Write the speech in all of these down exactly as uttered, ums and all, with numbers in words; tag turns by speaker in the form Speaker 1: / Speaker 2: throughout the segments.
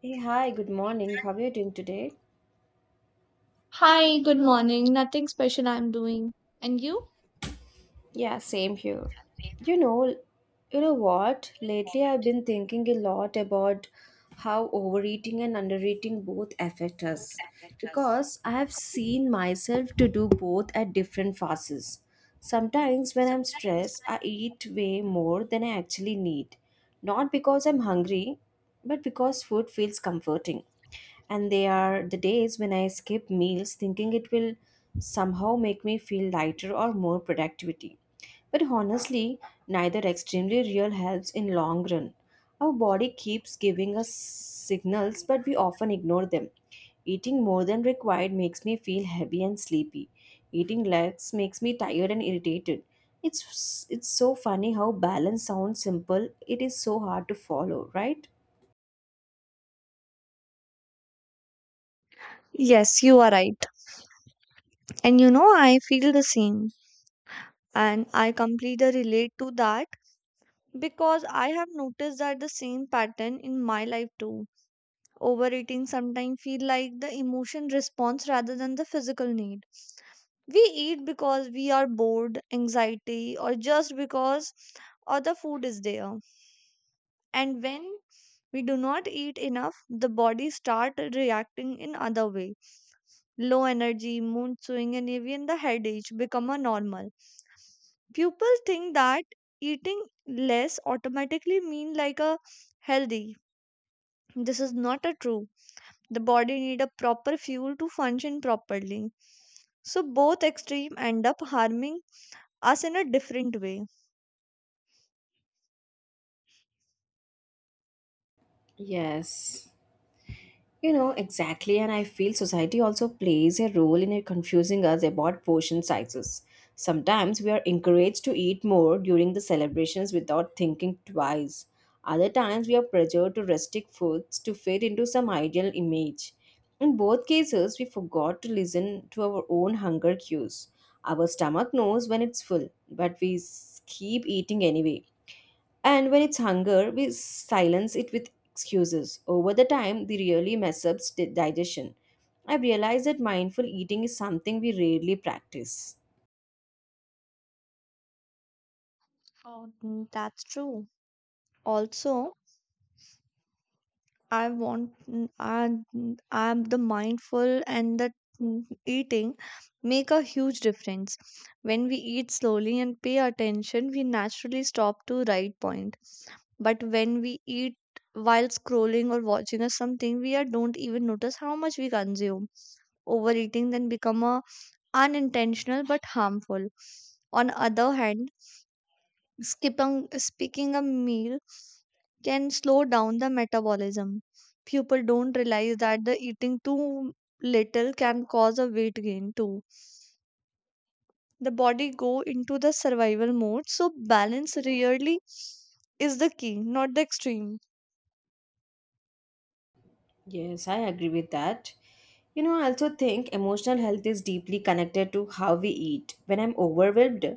Speaker 1: Hey, hi, good morning. How are you doing today?
Speaker 2: Hi, good morning. Nothing special I'm doing. And you?
Speaker 1: Yeah, same here. You know, you know what? Lately I've been thinking a lot about how overeating and undereating both affect us because I have seen myself to do both at different phases. Sometimes when I'm stressed, I eat way more than I actually need, not because I'm hungry, but because food feels comforting. And they are the days when I skip meals thinking it will somehow make me feel lighter or more productivity. But honestly, neither extremely real helps in long run. Our body keeps giving us signals but we often ignore them. Eating more than required makes me feel heavy and sleepy. Eating less makes me tired and irritated. It's it's so funny how balance sounds simple, it is so hard to follow, right?
Speaker 2: Yes, you are right. And you know, I feel the same. And I completely relate to that because I have noticed that the same pattern in my life too. Overeating sometimes feel like the emotion response rather than the physical need. We eat because we are bored, anxiety, or just because other food is there. And when we do not eat enough, the body start reacting in other way. Low energy, mood swing, and even the headache become a normal. People think that eating less automatically mean like a healthy. This is not a true. The body need a proper fuel to function properly. So both extreme end up harming us in a different way.
Speaker 1: Yes. You know, exactly, and I feel society also plays a role in it confusing us about portion sizes. Sometimes we are encouraged to eat more during the celebrations without thinking twice. Other times we are pressured to restrict foods to fit into some ideal image. In both cases, we forgot to listen to our own hunger cues. Our stomach knows when it's full, but we s- keep eating anyway. And when it's hunger, we silence it with excuses. Over the time, they really mess up sti- digestion. I've realized that mindful eating is something we rarely practice.
Speaker 2: Oh, mm, that's true. Also, I want mm, I mm, the mindful and the mm, eating make a huge difference. When we eat slowly and pay attention, we naturally stop to right point. But when we eat while scrolling or watching or something, we are don't even notice how much we consume. Overeating then become a unintentional but harmful. On other hand, Skipping, skipping a meal can slow down the metabolism. People don't realize that the eating too little can cause a weight gain too. The body go into the survival mode, so balance really is the key, not the extreme.
Speaker 1: Yes, I agree with that. You know, I also think emotional health is deeply connected to how we eat. When I'm overwhelmed,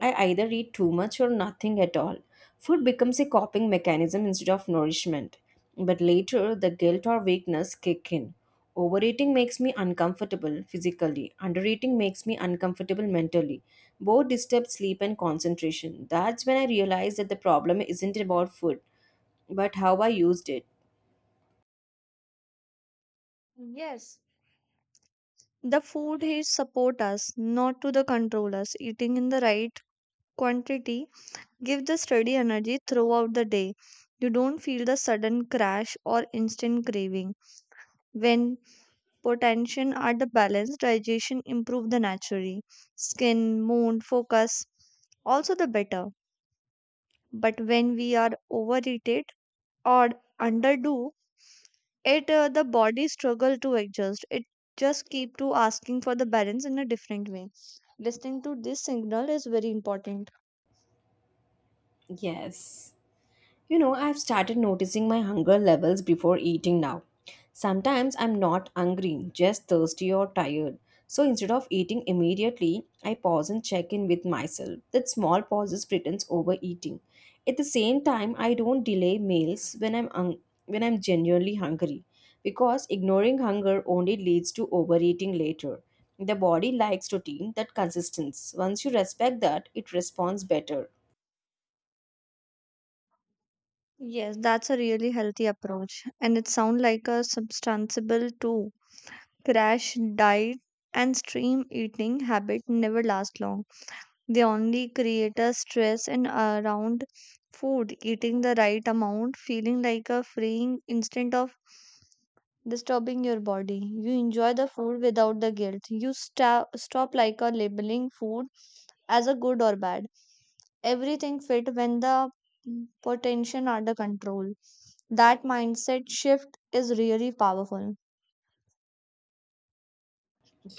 Speaker 1: I either eat too much or nothing at all. Food becomes a coping mechanism instead of nourishment. But later, the guilt or weakness kick in. Overeating makes me uncomfortable physically. Undereating makes me uncomfortable mentally. Both disturb sleep and concentration. That's when I realized that the problem isn't about food, but how I used it.
Speaker 2: Yes. The food is support us, not to the control us. Eating in the right quantity give the steady energy throughout the day. You don't feel the sudden crash or instant craving. When potential are the balance digestion improve the naturally, skin, mood, focus also the better, but when we are overeated or underdo it uh, the body struggle to adjust. It just keep to asking for the balance in a different way. Listening to this signal is very important.
Speaker 1: Yes. You know, I've started noticing my hunger levels before eating now. Sometimes I'm not hungry, just thirsty or tired. So instead of eating immediately, I pause and check in with myself. That small pauses pretends overeating. At the same time, I don't delay meals when I'm hung- when I'm genuinely hungry because ignoring hunger only leads to overeating later. The body likes routine that consistency. Once you respect that, it responds better.
Speaker 2: Yes, that's a really healthy approach and it sounds like a substantial too. Crash diet and stream eating habit never last long. They only create a stress and around food. Eating the right amount, feeling like a freeing instead of disturbing your body. You enjoy the food without the guilt. You sta stop like a labeling food as a good or bad. Everything fit when the mm, potential under control. That mindset shift is really powerful.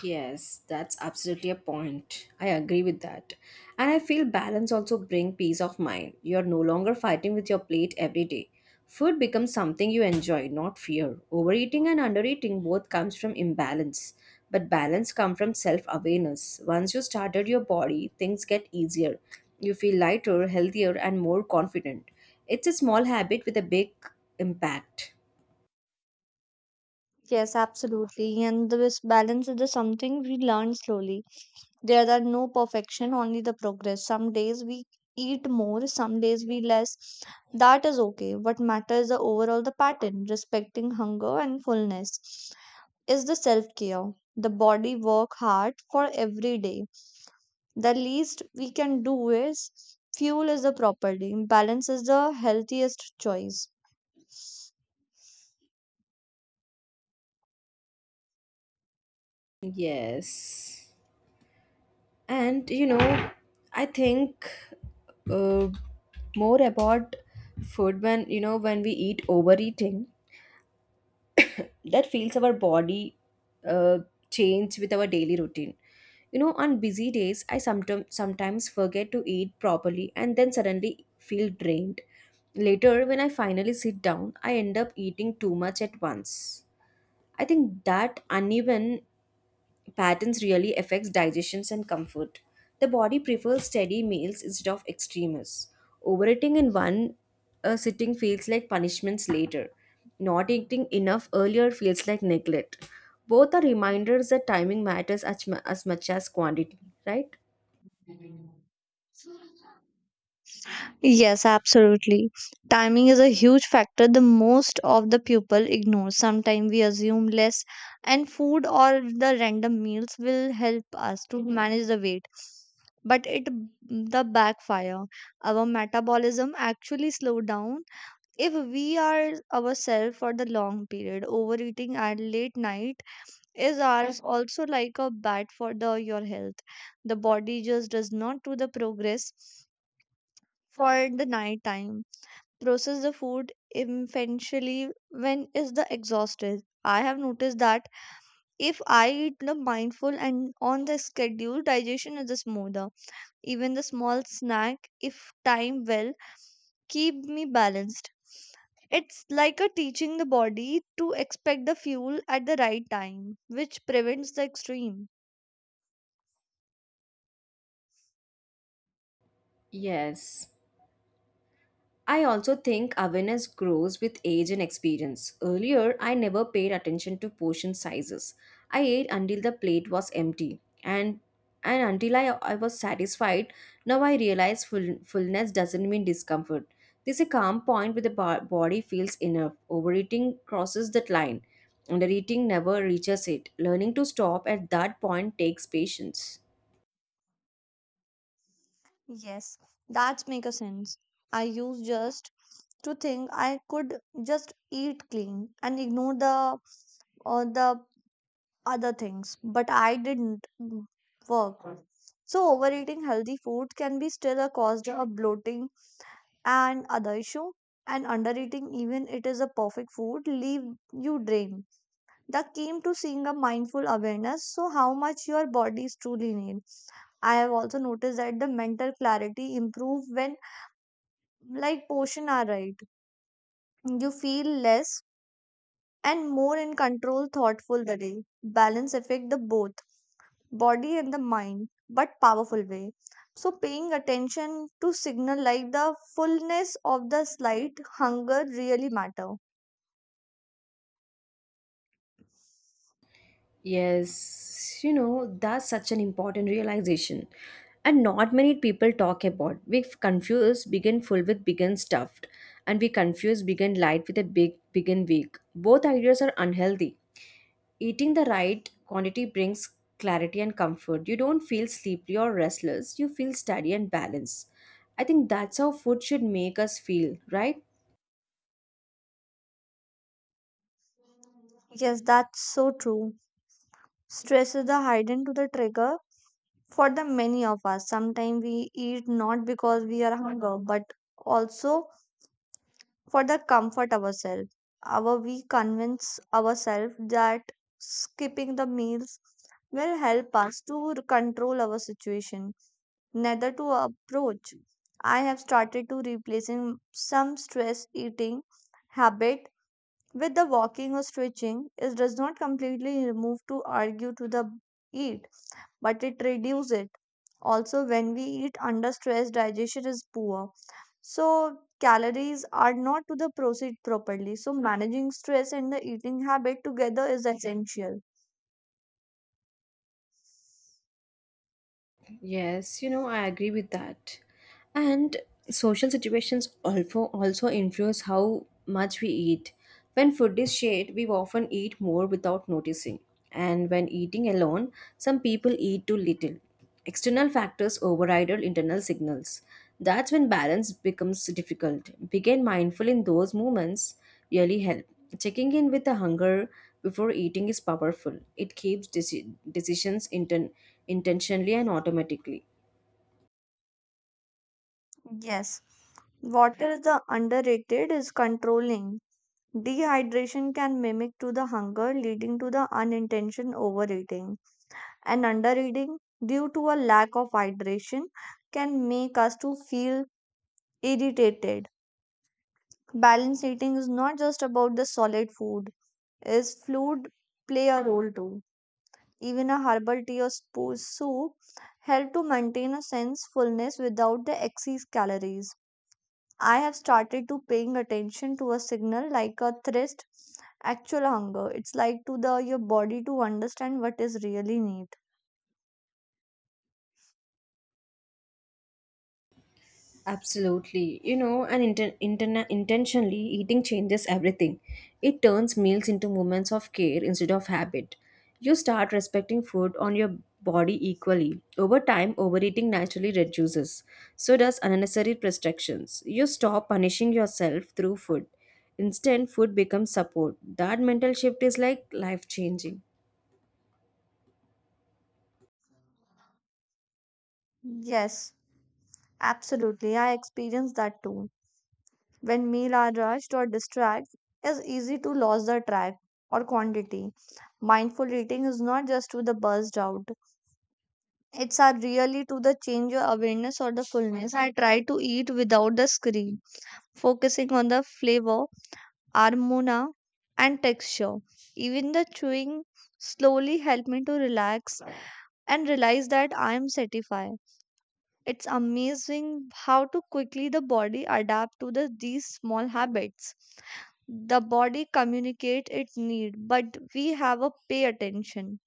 Speaker 1: Yes, that's absolutely a point. I agree with that. And I feel balance also bring peace of mind. You're no longer fighting with your plate every day. Food becomes something you enjoy, not fear. Overeating and undereating both comes from imbalance, but balance comes from self-awareness. Once you started your body, things get easier. You feel lighter, healthier, and more confident. It's a small habit with a big impact.
Speaker 2: Yes, absolutely. And this balance is the something we learn slowly. There are no perfection, only the progress. Some days we eat more, some days we less. That is okay. What matters the overall the pattern. Respecting hunger and fullness is the self care. The body work hard for every day. The least we can do is fuel is the property. Balance is the healthiest choice.
Speaker 1: Yes. And you know, I think uh, more about food when, you know, when we eat overeating that feels our body uh, change with our daily routine. You know, on busy days I sometimes sometimes forget to eat properly and then suddenly feel drained later. When I finally sit down I end up eating too much at once. I think that uneven patterns really affects digestions and comfort. The body prefers steady meals instead of extremes. Overeating in one uh, sitting feels like punishments later. Not eating enough earlier feels like neglect. Both are reminders that timing matters as, mu- as much as quantity, right?
Speaker 2: Yes, absolutely. Timing is a huge factor the most of the people ignore. Sometimes we assume less, and food or the random meals will help us to manage the weight. But it the backfire. Our metabolism actually slow down if we are ourselves for the long period. Overeating at late night is our also like a bad for the your health. The body just does not do the progress for the night time, process the food eventually when is the exhausted. I have noticed that if I eat the mindful and on the schedule, digestion is smoother. Even the small snack, if timed well, keep me balanced. It's like a teaching the body to expect the fuel at the right time, which prevents the extreme.
Speaker 1: Yes. I also think awareness grows with age and experience. Earlier, I never paid attention to portion sizes. I ate until the plate was empty and and until I, I was satisfied. Now I realize full, fullness doesn't mean discomfort. There's a calm point where the bo- body feels enough. Overeating crosses that line. Undereating never reaches it. Learning to stop at that point takes patience.
Speaker 2: Yes, that's make a sense. I used just to think I could just eat clean and ignore the or the other things, but I didn't mm, work. So, overeating healthy food can be still a cause of bloating and other issue. And undereating, even it is a perfect food, leave you drained. That came to seeing a mindful awareness. So, how much your body is truly need. I have also noticed that the mental clarity improve when like portion are right. You feel less and more in control, thoughtful the day. Balance affect the both body and the mind, but powerful way. So, paying attention to signal like the fullness of the slight hunger really matter.
Speaker 1: Yes, you know, that's such an important realization. And not many people talk about. We confuse begin full with begin stuffed, and we confuse begin light with a big begin weak. Both ideas are unhealthy. Eating the right quantity brings clarity and comfort. You don't feel sleepy or restless, you feel steady and balanced. I think that's how food should make us feel, right?
Speaker 2: Yes, that's so true. Stress is the hidden to the trigger for the many of us. Sometimes we eat not because we are hunger, but also for the comfort ourselves. Our we convince ourselves that skipping the meals will help us to control our situation, neither to approach. I have started to replacing some stress eating habit with the walking or stretching. It does not completely remove to argue to the eat, but it reduces it. Also, when we eat under stress, digestion is poor. So calories are not to the proceed properly. So managing stress and the eating habit together is essential.
Speaker 1: Yes, you know, I agree with that. And social situations also also influence how much we eat. When food is shared, we often eat more without noticing. And when eating alone, some people eat too little. External factors override our internal signals. That's when balance becomes difficult. Begin mindful in those moments really help. Checking in with the hunger before eating is powerful. It keeps deci- decisions inten- intentionally and automatically.
Speaker 2: Yes. What is the underrated is controlling. Dehydration can mimic to the hunger, leading to the unintentional overeating. And undereating due to a lack of hydration can make us to feel irritated. Balanced eating is not just about the solid food, is fluid play a role too. Even a herbal tea or spo- soup help to maintain a sense fullness without the excess calories. I have started to paying attention to a signal like a thirst, actual hunger. It's like to the your body to understand what is really need.
Speaker 1: Absolutely. You know, and inten- interna- intentionally eating changes everything. It turns meals into moments of care instead of habit. You start respecting food on your body equally. Over time, overeating naturally reduces. So does unnecessary restrictions. You stop punishing yourself through food. Instead, food becomes support. That mental shift is like life changing.
Speaker 2: Yes, absolutely. I experienced that too. When meal are rushed or distract, it's easy to lose the track or quantity. Mindful eating is not just to the buzzed out. It's are really to the change your awareness or the fullness. I try to eat without the screen, focusing on the flavor, armona, and texture. Even the chewing slowly helped me to relax and realize that I am satisfied. It's amazing how to quickly the body adapt to the, these small habits. The body communicate its need, but we have a pay attention.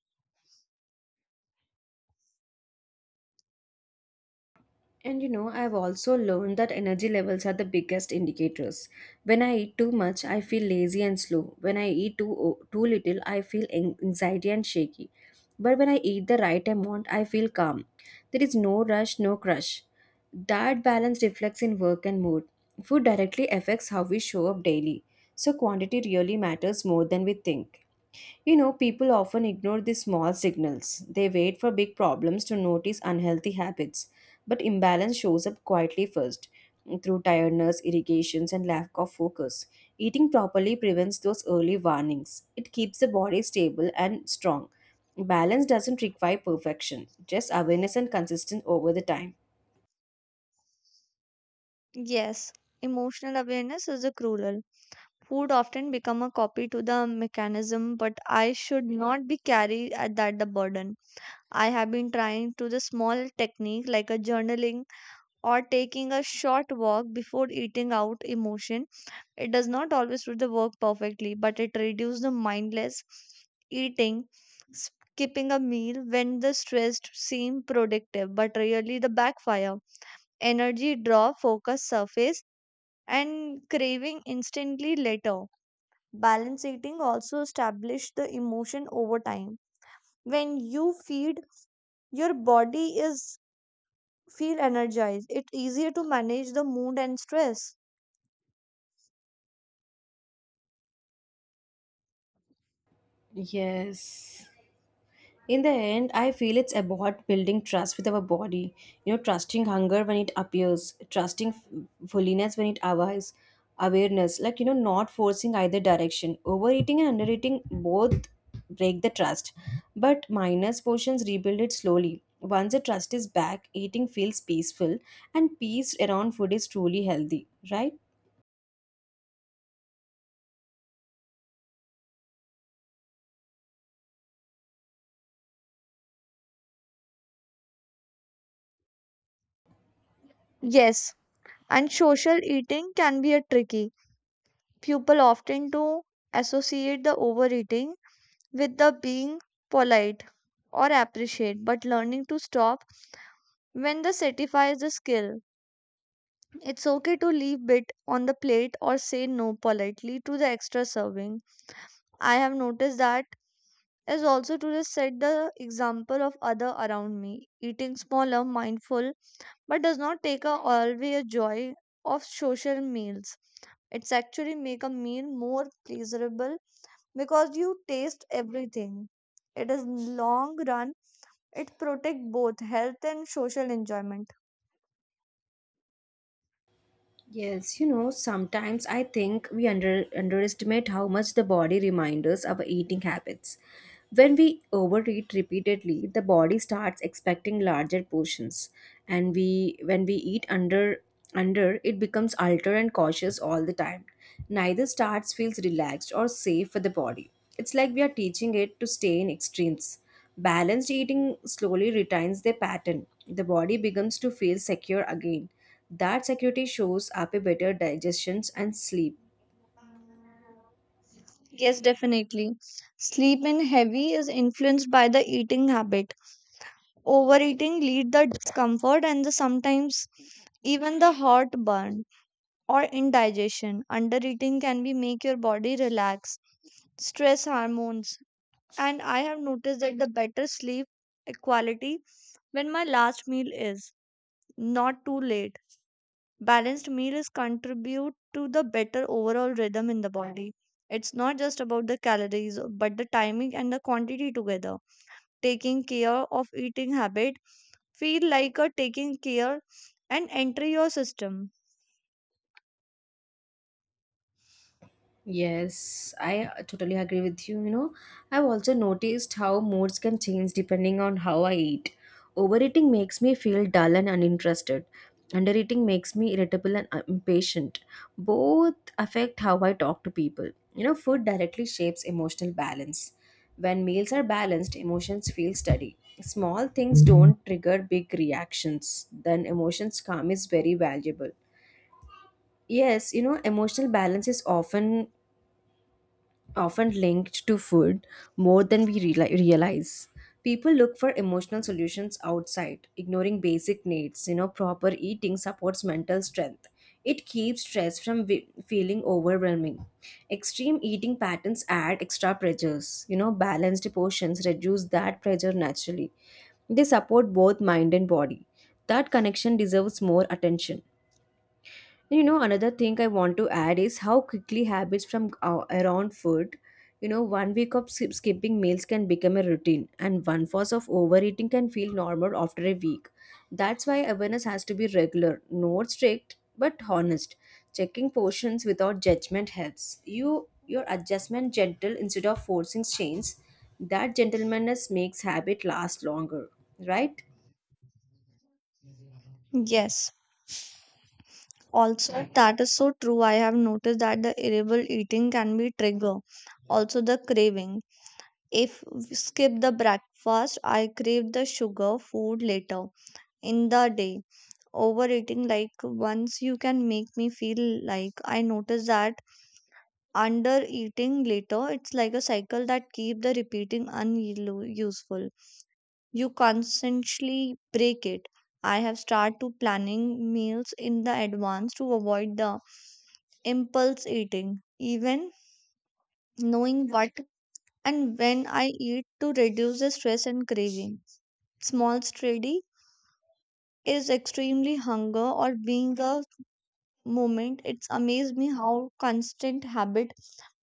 Speaker 1: And you know, I've also learned that energy levels are the biggest indicators. When I eat too much, I feel lazy and slow. When I eat too o- too little, I feel an- anxiety and shaky. But when I eat the right amount, I feel calm. There is no rush, no crush. That balance reflects in work and mood. Food directly affects how we show up daily. So quantity really matters more than we think. You know, people often ignore these small signals. They wait for big problems to notice unhealthy habits. But imbalance shows up quietly first through tiredness, irrigations, and lack of focus. Eating properly prevents those early warnings. It keeps the body stable and strong. Balance doesn't require perfection, just awareness and consistency over the time.
Speaker 2: Yes, emotional awareness is a cruel. Food often become a copy to the mechanism, but I should not be carried at that the burden. I have been trying to the small technique like a journaling or taking a short walk before eating out emotion. It does not always do the work perfectly, but it reduces the mindless eating. Skipping a meal when the stressed seem productive, but really the backfire. Energy draw, focus surface, and craving instantly later. Balance eating also establish the emotion over time. When you feed your body is feel energized. It's easier to manage the mood and stress.
Speaker 1: Yes. In the end, I feel it's about building trust with our body. You know, trusting hunger when it appears, trusting f- fullness when it arrives, awareness, like, you know, not forcing either direction. Overeating and undereating both break the trust, but minus portions rebuild it slowly. Once the trust is back, eating feels peaceful, and peace around food is truly healthy, right?
Speaker 2: Yes, and social eating can be a tricky. People often do associate the overeating with the being polite or appreciate, but learning to stop when the satisfies the skill. It's okay to leave bit on the plate or say no politely to the extra serving. I have noticed that is also to just set the example of other around me. Eating smaller, mindful but does not take a away a joy of social meals. It's actually make a meal more pleasurable because you taste everything. It is long run. It protect both health and social enjoyment.
Speaker 1: Yes, you know, sometimes I think we under, underestimate how much the body reminds us of our eating habits. When we overeat repeatedly, the body starts expecting larger portions, and we when we eat under under it becomes altered and cautious all the time. Neither starts feels relaxed or safe for the body. It's like we are teaching it to stay in extremes. Balanced eating slowly retains their pattern. The body becomes to feel secure again that security shows up a better digestions and sleep.
Speaker 2: Yes, definitely. Sleep in heavy is influenced by the eating habit. Overeating lead the discomfort and the sometimes even the heartburn or indigestion. Undereating can be make your body relax stress hormones. And I have noticed that the better sleep quality when my last meal is not too late. Balanced meal is contribute to the better overall rhythm in the body. It's not just about the calories, but the timing and the quantity together. Taking care of eating habit feel like a taking care and enter your system.
Speaker 1: Yes, I uh, totally agree with you. You know, I've also noticed how moods can change depending on how I eat. Overeating makes me feel dull and uninterested. Undereating makes me irritable and uh, impatient. Both affect how I talk to people. You know, food directly shapes emotional balance. When meals are balanced, emotions feel steady. Small things don't trigger big reactions. Then emotions calm is very valuable. Yes, you know, emotional balance is often often linked to food more than we reali- realize. People look for emotional solutions outside, ignoring basic needs. You know, proper eating supports mental strength. It keeps stress from we- feeling overwhelming. Extreme eating patterns add extra pressures. You know, balanced portions reduce that pressure naturally. They support both mind and body. That connection deserves more attention. You know, another thing I want to add is how quickly habits from uh, around food, you know, one week of skip- skipping meals can become a routine, and one fast of overeating can feel normal after a week. That's why awareness has to be regular, not strict, but honest. Checking portions without judgment helps. You your adjustment gentle instead of forcing change. That gentleness makes habit last longer, right?
Speaker 2: Yes. Also, that is so true. I have noticed that the irritable eating can be trigger. Also, the craving. If we skip the breakfast, I crave the sugar food later in the day. Overeating like once you can make me feel like I notice that under eating later. It's like a cycle that keep the repeating unuseful. You constantly break it. I have started to planning meals in the advance to avoid the impulse eating. Even knowing what and when I eat to reduce the stress and craving. Small steady is extremely hunger or being a moment. It's amazed me how constant habit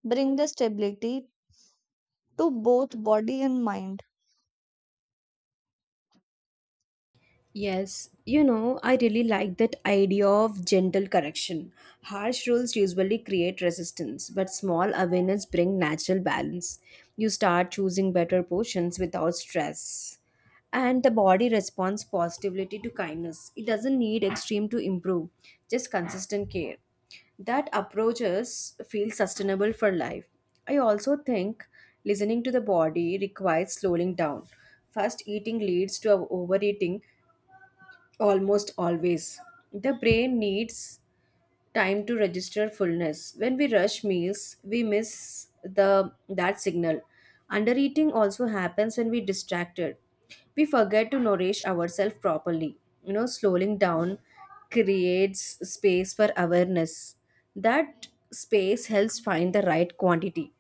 Speaker 2: bring the stability to both body and mind.
Speaker 1: Yes, you know, I really like that idea of gentle correction. Harsh rules usually create resistance, but small awareness bring natural balance. You start choosing better portions without stress. And the body responds positively to kindness. It doesn't need extreme to improve, just consistent care. That approaches feel sustainable for life. I also think listening to the body requires slowing down. First, eating leads to overeating, almost always. The brain needs time to register fullness. When we rush meals, we miss the that signal. Undereating also happens when we distracted. We forget to nourish ourselves properly. You know, slowing down creates space for awareness. That space helps find the right quantity.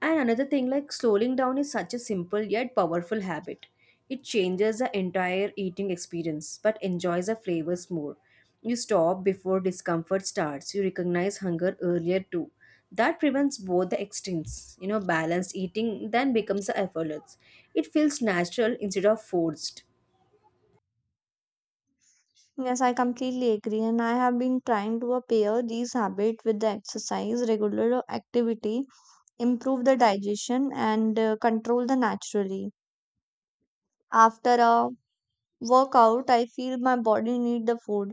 Speaker 1: And another thing, like slowing down is such a simple yet powerful habit. It changes the entire eating experience but enjoys the flavors more. You stop before discomfort starts. You recognize hunger earlier too. That prevents both the extremes. You know, balanced eating then becomes the effortless. It feels natural instead of forced.
Speaker 2: Yes, I completely agree and I have been trying to uh, pair these habits with the exercise. Regular activity improve the digestion and uh, control the naturally. After a workout I feel my body need the food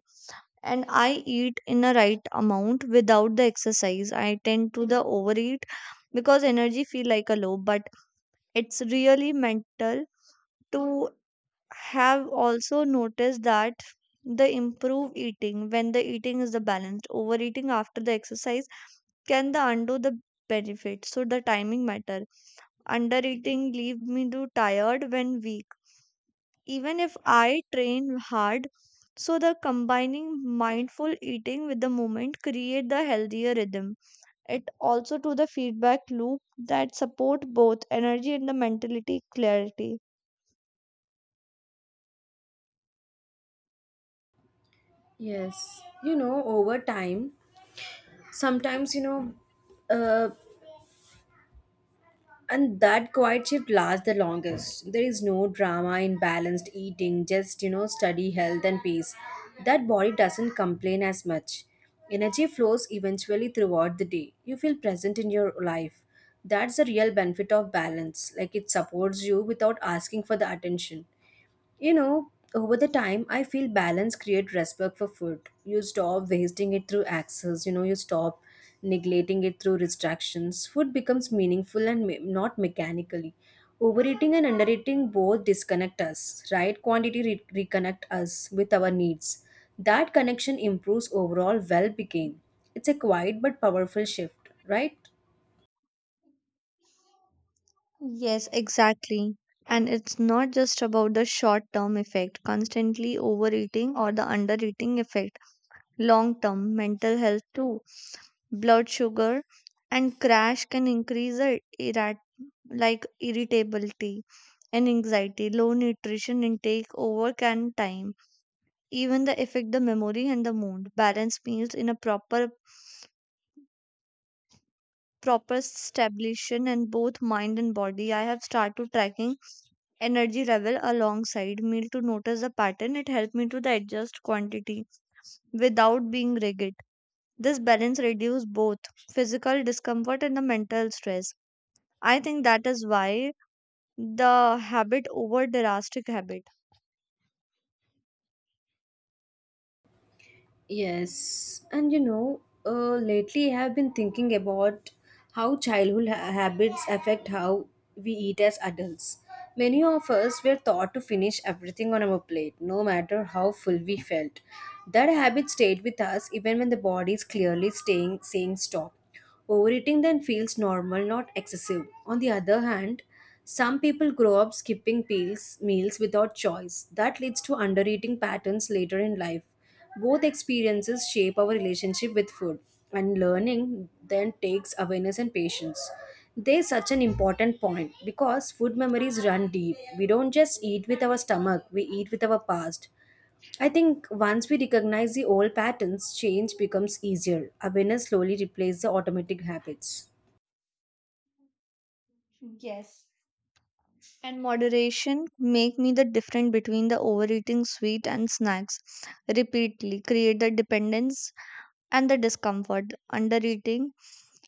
Speaker 2: and I eat in a right amount. Without the exercise, I tend to the overeat because energy feel like a low, but it's really mental to have also noticed that the improve eating when the eating is the balanced. Overeating after the exercise can the undo the benefit, so the timing matter. Under eating leave me to tired when weak, even if I train hard. So the combining mindful eating with the moment create the healthier rhythm. It also to the feedback loop that support both energy and the mentality clarity.
Speaker 1: Yes. You know, over time, sometimes, you know, uh, and that quiet shift lasts the longest. There is no drama in balanced eating, just you know study health and peace. That body doesn't complain as much. Energy flows eventually throughout the day. You feel present in your life. That's the real benefit of balance. Like, it supports you without asking for the attention. You know, over the time, I feel balance create respect for food. You stop wasting it through access, you know, you stop neglecting it through distractions. Food becomes meaningful and me- not mechanically. Overeating and undereating both disconnect us, right? Quantity re- reconnect us with our needs. That connection improves overall well-being. It's a quiet but powerful shift, right?
Speaker 2: Yes, exactly. And it's not just about the short term effect, constantly overeating or the undereating effect, long term mental health too. Blood sugar and crash can increase the like irritability and anxiety. Low nutrition intake over and time even the affect the memory and the mood. Balanced meals in a proper proper stabilization and both mind and body. I have started tracking energy level alongside meal to notice the pattern. It helped me to the adjust quantity without being rigid. This balance reduces both physical discomfort and the mental stress. I think that is why the habit over drastic habit.
Speaker 1: Yes, and you know, uh, lately I have been thinking about how childhood ha- habits affect how we eat as adults. Many of us were taught to finish everything on our plate, no matter how full we felt. That habit stayed with us even when the body is clearly staying saying stop. Overeating then feels normal, not excessive. On the other hand, some people grow up skipping pills, meals without choice. That leads to undereating patterns later in life. Both experiences shape our relationship with food, and learning then takes awareness and patience. There's such an important point because food memories run deep. We don't just eat with our stomach, we eat with our past. I think once we recognize the old patterns, change becomes easier. Awareness slowly replaces the automatic habits.
Speaker 2: Yes, and moderation make me the difference between the overeating sweet and snacks repeatedly create the dependence and the discomfort. Undereating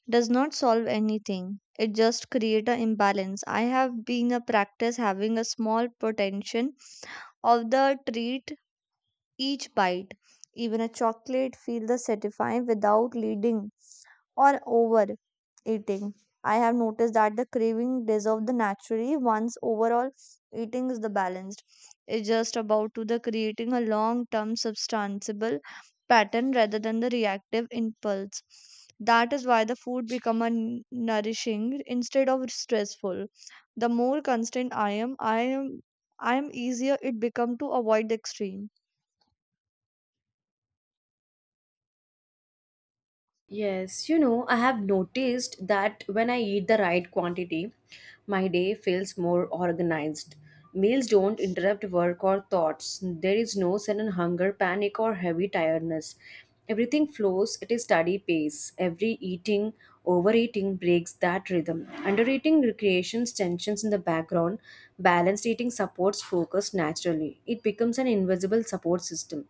Speaker 2: does not solve anything, it just create an imbalance. I have been a practice having a small potential of the treat each bite. Even a chocolate feel the satisfying without leading or overeating. I have noticed that the craving dissolves the naturally once overall eating is the balanced. It's just about to the creating a long-term substantiable pattern rather than the reactive impulse. That is why the food become a n- nourishing instead of stressful. The more constant I am, I am I am easier it become to avoid the extreme.
Speaker 1: Yes, you know, I have noticed that when I eat the right quantity, my day feels more organized. Meals don't interrupt work or thoughts. There is no sudden hunger, panic, or heavy tiredness. Everything flows at a steady pace. Every eating, overeating breaks that rhythm. Undereating recreations tensions in the background. Balanced eating supports focus naturally. It becomes an an invisible support system,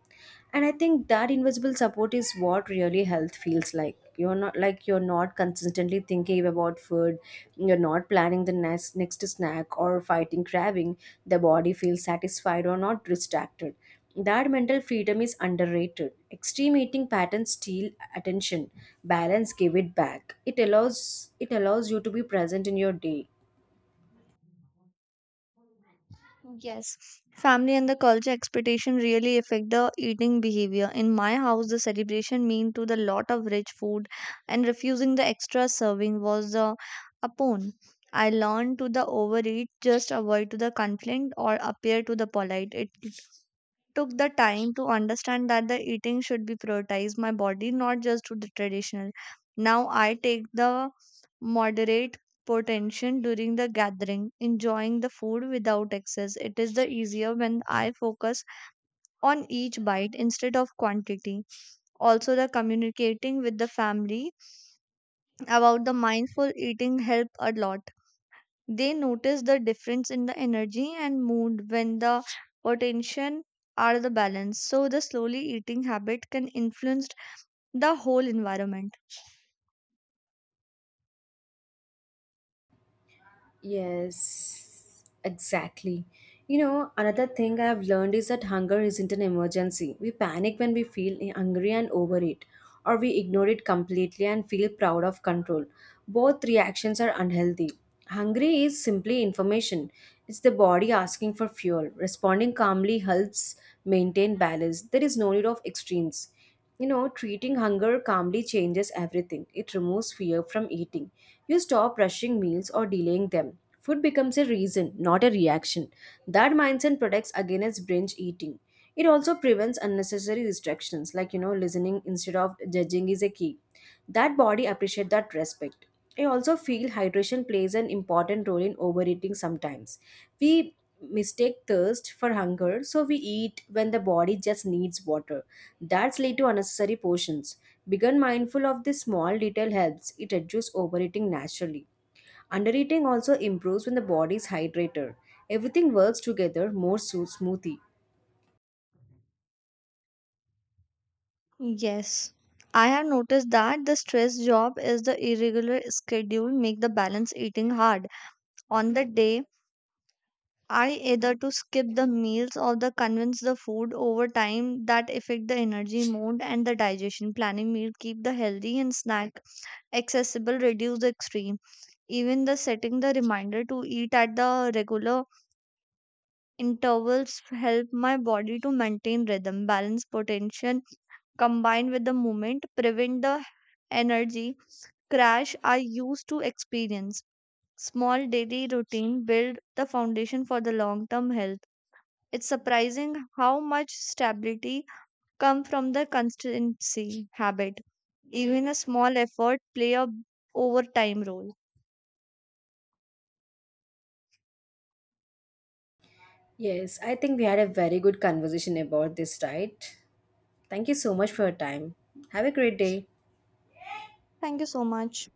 Speaker 1: and I think that invisible support is what really health feels like. You're not like you're not consistently thinking about food, you're not planning the next next snack or fighting craving. The body feels satisfied or not distracted. That mental freedom is underrated. Extreme eating patterns steal attention. Balance give it back. It allows it allows you to be present in your day.
Speaker 2: Yes, family and the culture expectation really affect the eating behavior. In my house, the celebration mean to the lot of rich food, and refusing the extra serving was the upon. I learned to the overeat, just avoid to the conflict or appear to the polite. It took the time to understand that the eating should be prioritized my body not just to the traditional. Now I take the moderate potential during the gathering, enjoying the food without excess. It is the easier when I focus on each bite instead of quantity. Also the communicating with the family about the mindful eating help a lot. They notice the difference in the energy and mood when the attention are the balance. So the slowly eating habit can influence the whole environment.
Speaker 1: Yes, exactly. You know, another thing I've learned is that hunger isn't an emergency. We panic when we feel hungry and overeat, or we ignore it completely and feel proud of control. Both reactions are unhealthy. Hungry is simply information, it's the body asking for fuel. Responding calmly helps maintain balance. There is no need of extremes. You know, treating hunger calmly changes everything. It removes fear from eating. You stop rushing meals or delaying them. Food becomes a reason, not a reaction. That mindset protects against binge eating. It also prevents unnecessary distractions. Like, you know, listening instead of judging is a key. That body appreciates that respect. I also feel hydration plays an important role in overeating sometimes. We mistake thirst for hunger, so we eat when the body just needs water. That's lead to unnecessary portions. Being mindful of this small detail helps. It reduces overeating naturally. Undereating also improves when the body is hydrated. Everything works together more so smoothly.
Speaker 2: Yes. I have noticed that the stress job is the irregular schedule make the balance eating hard. On the day I either to skip the meals or the convince the food over time that affect the energy mode and the digestion. Planning meal keep the healthy and snack accessible, reduce the extreme. Even the setting the reminder to eat at the regular intervals help my body to maintain rhythm. Balance, potential combined with the movement, prevent the energy crash I used to experience. Small daily routine build the foundation for the long term health. It's surprising how much stability come from the consistency habit. Even a small effort play a overtime role.
Speaker 1: Yes, I think we had a very good conversation about this, right? Thank you so much for your time. Have a great day.
Speaker 2: Thank you so much.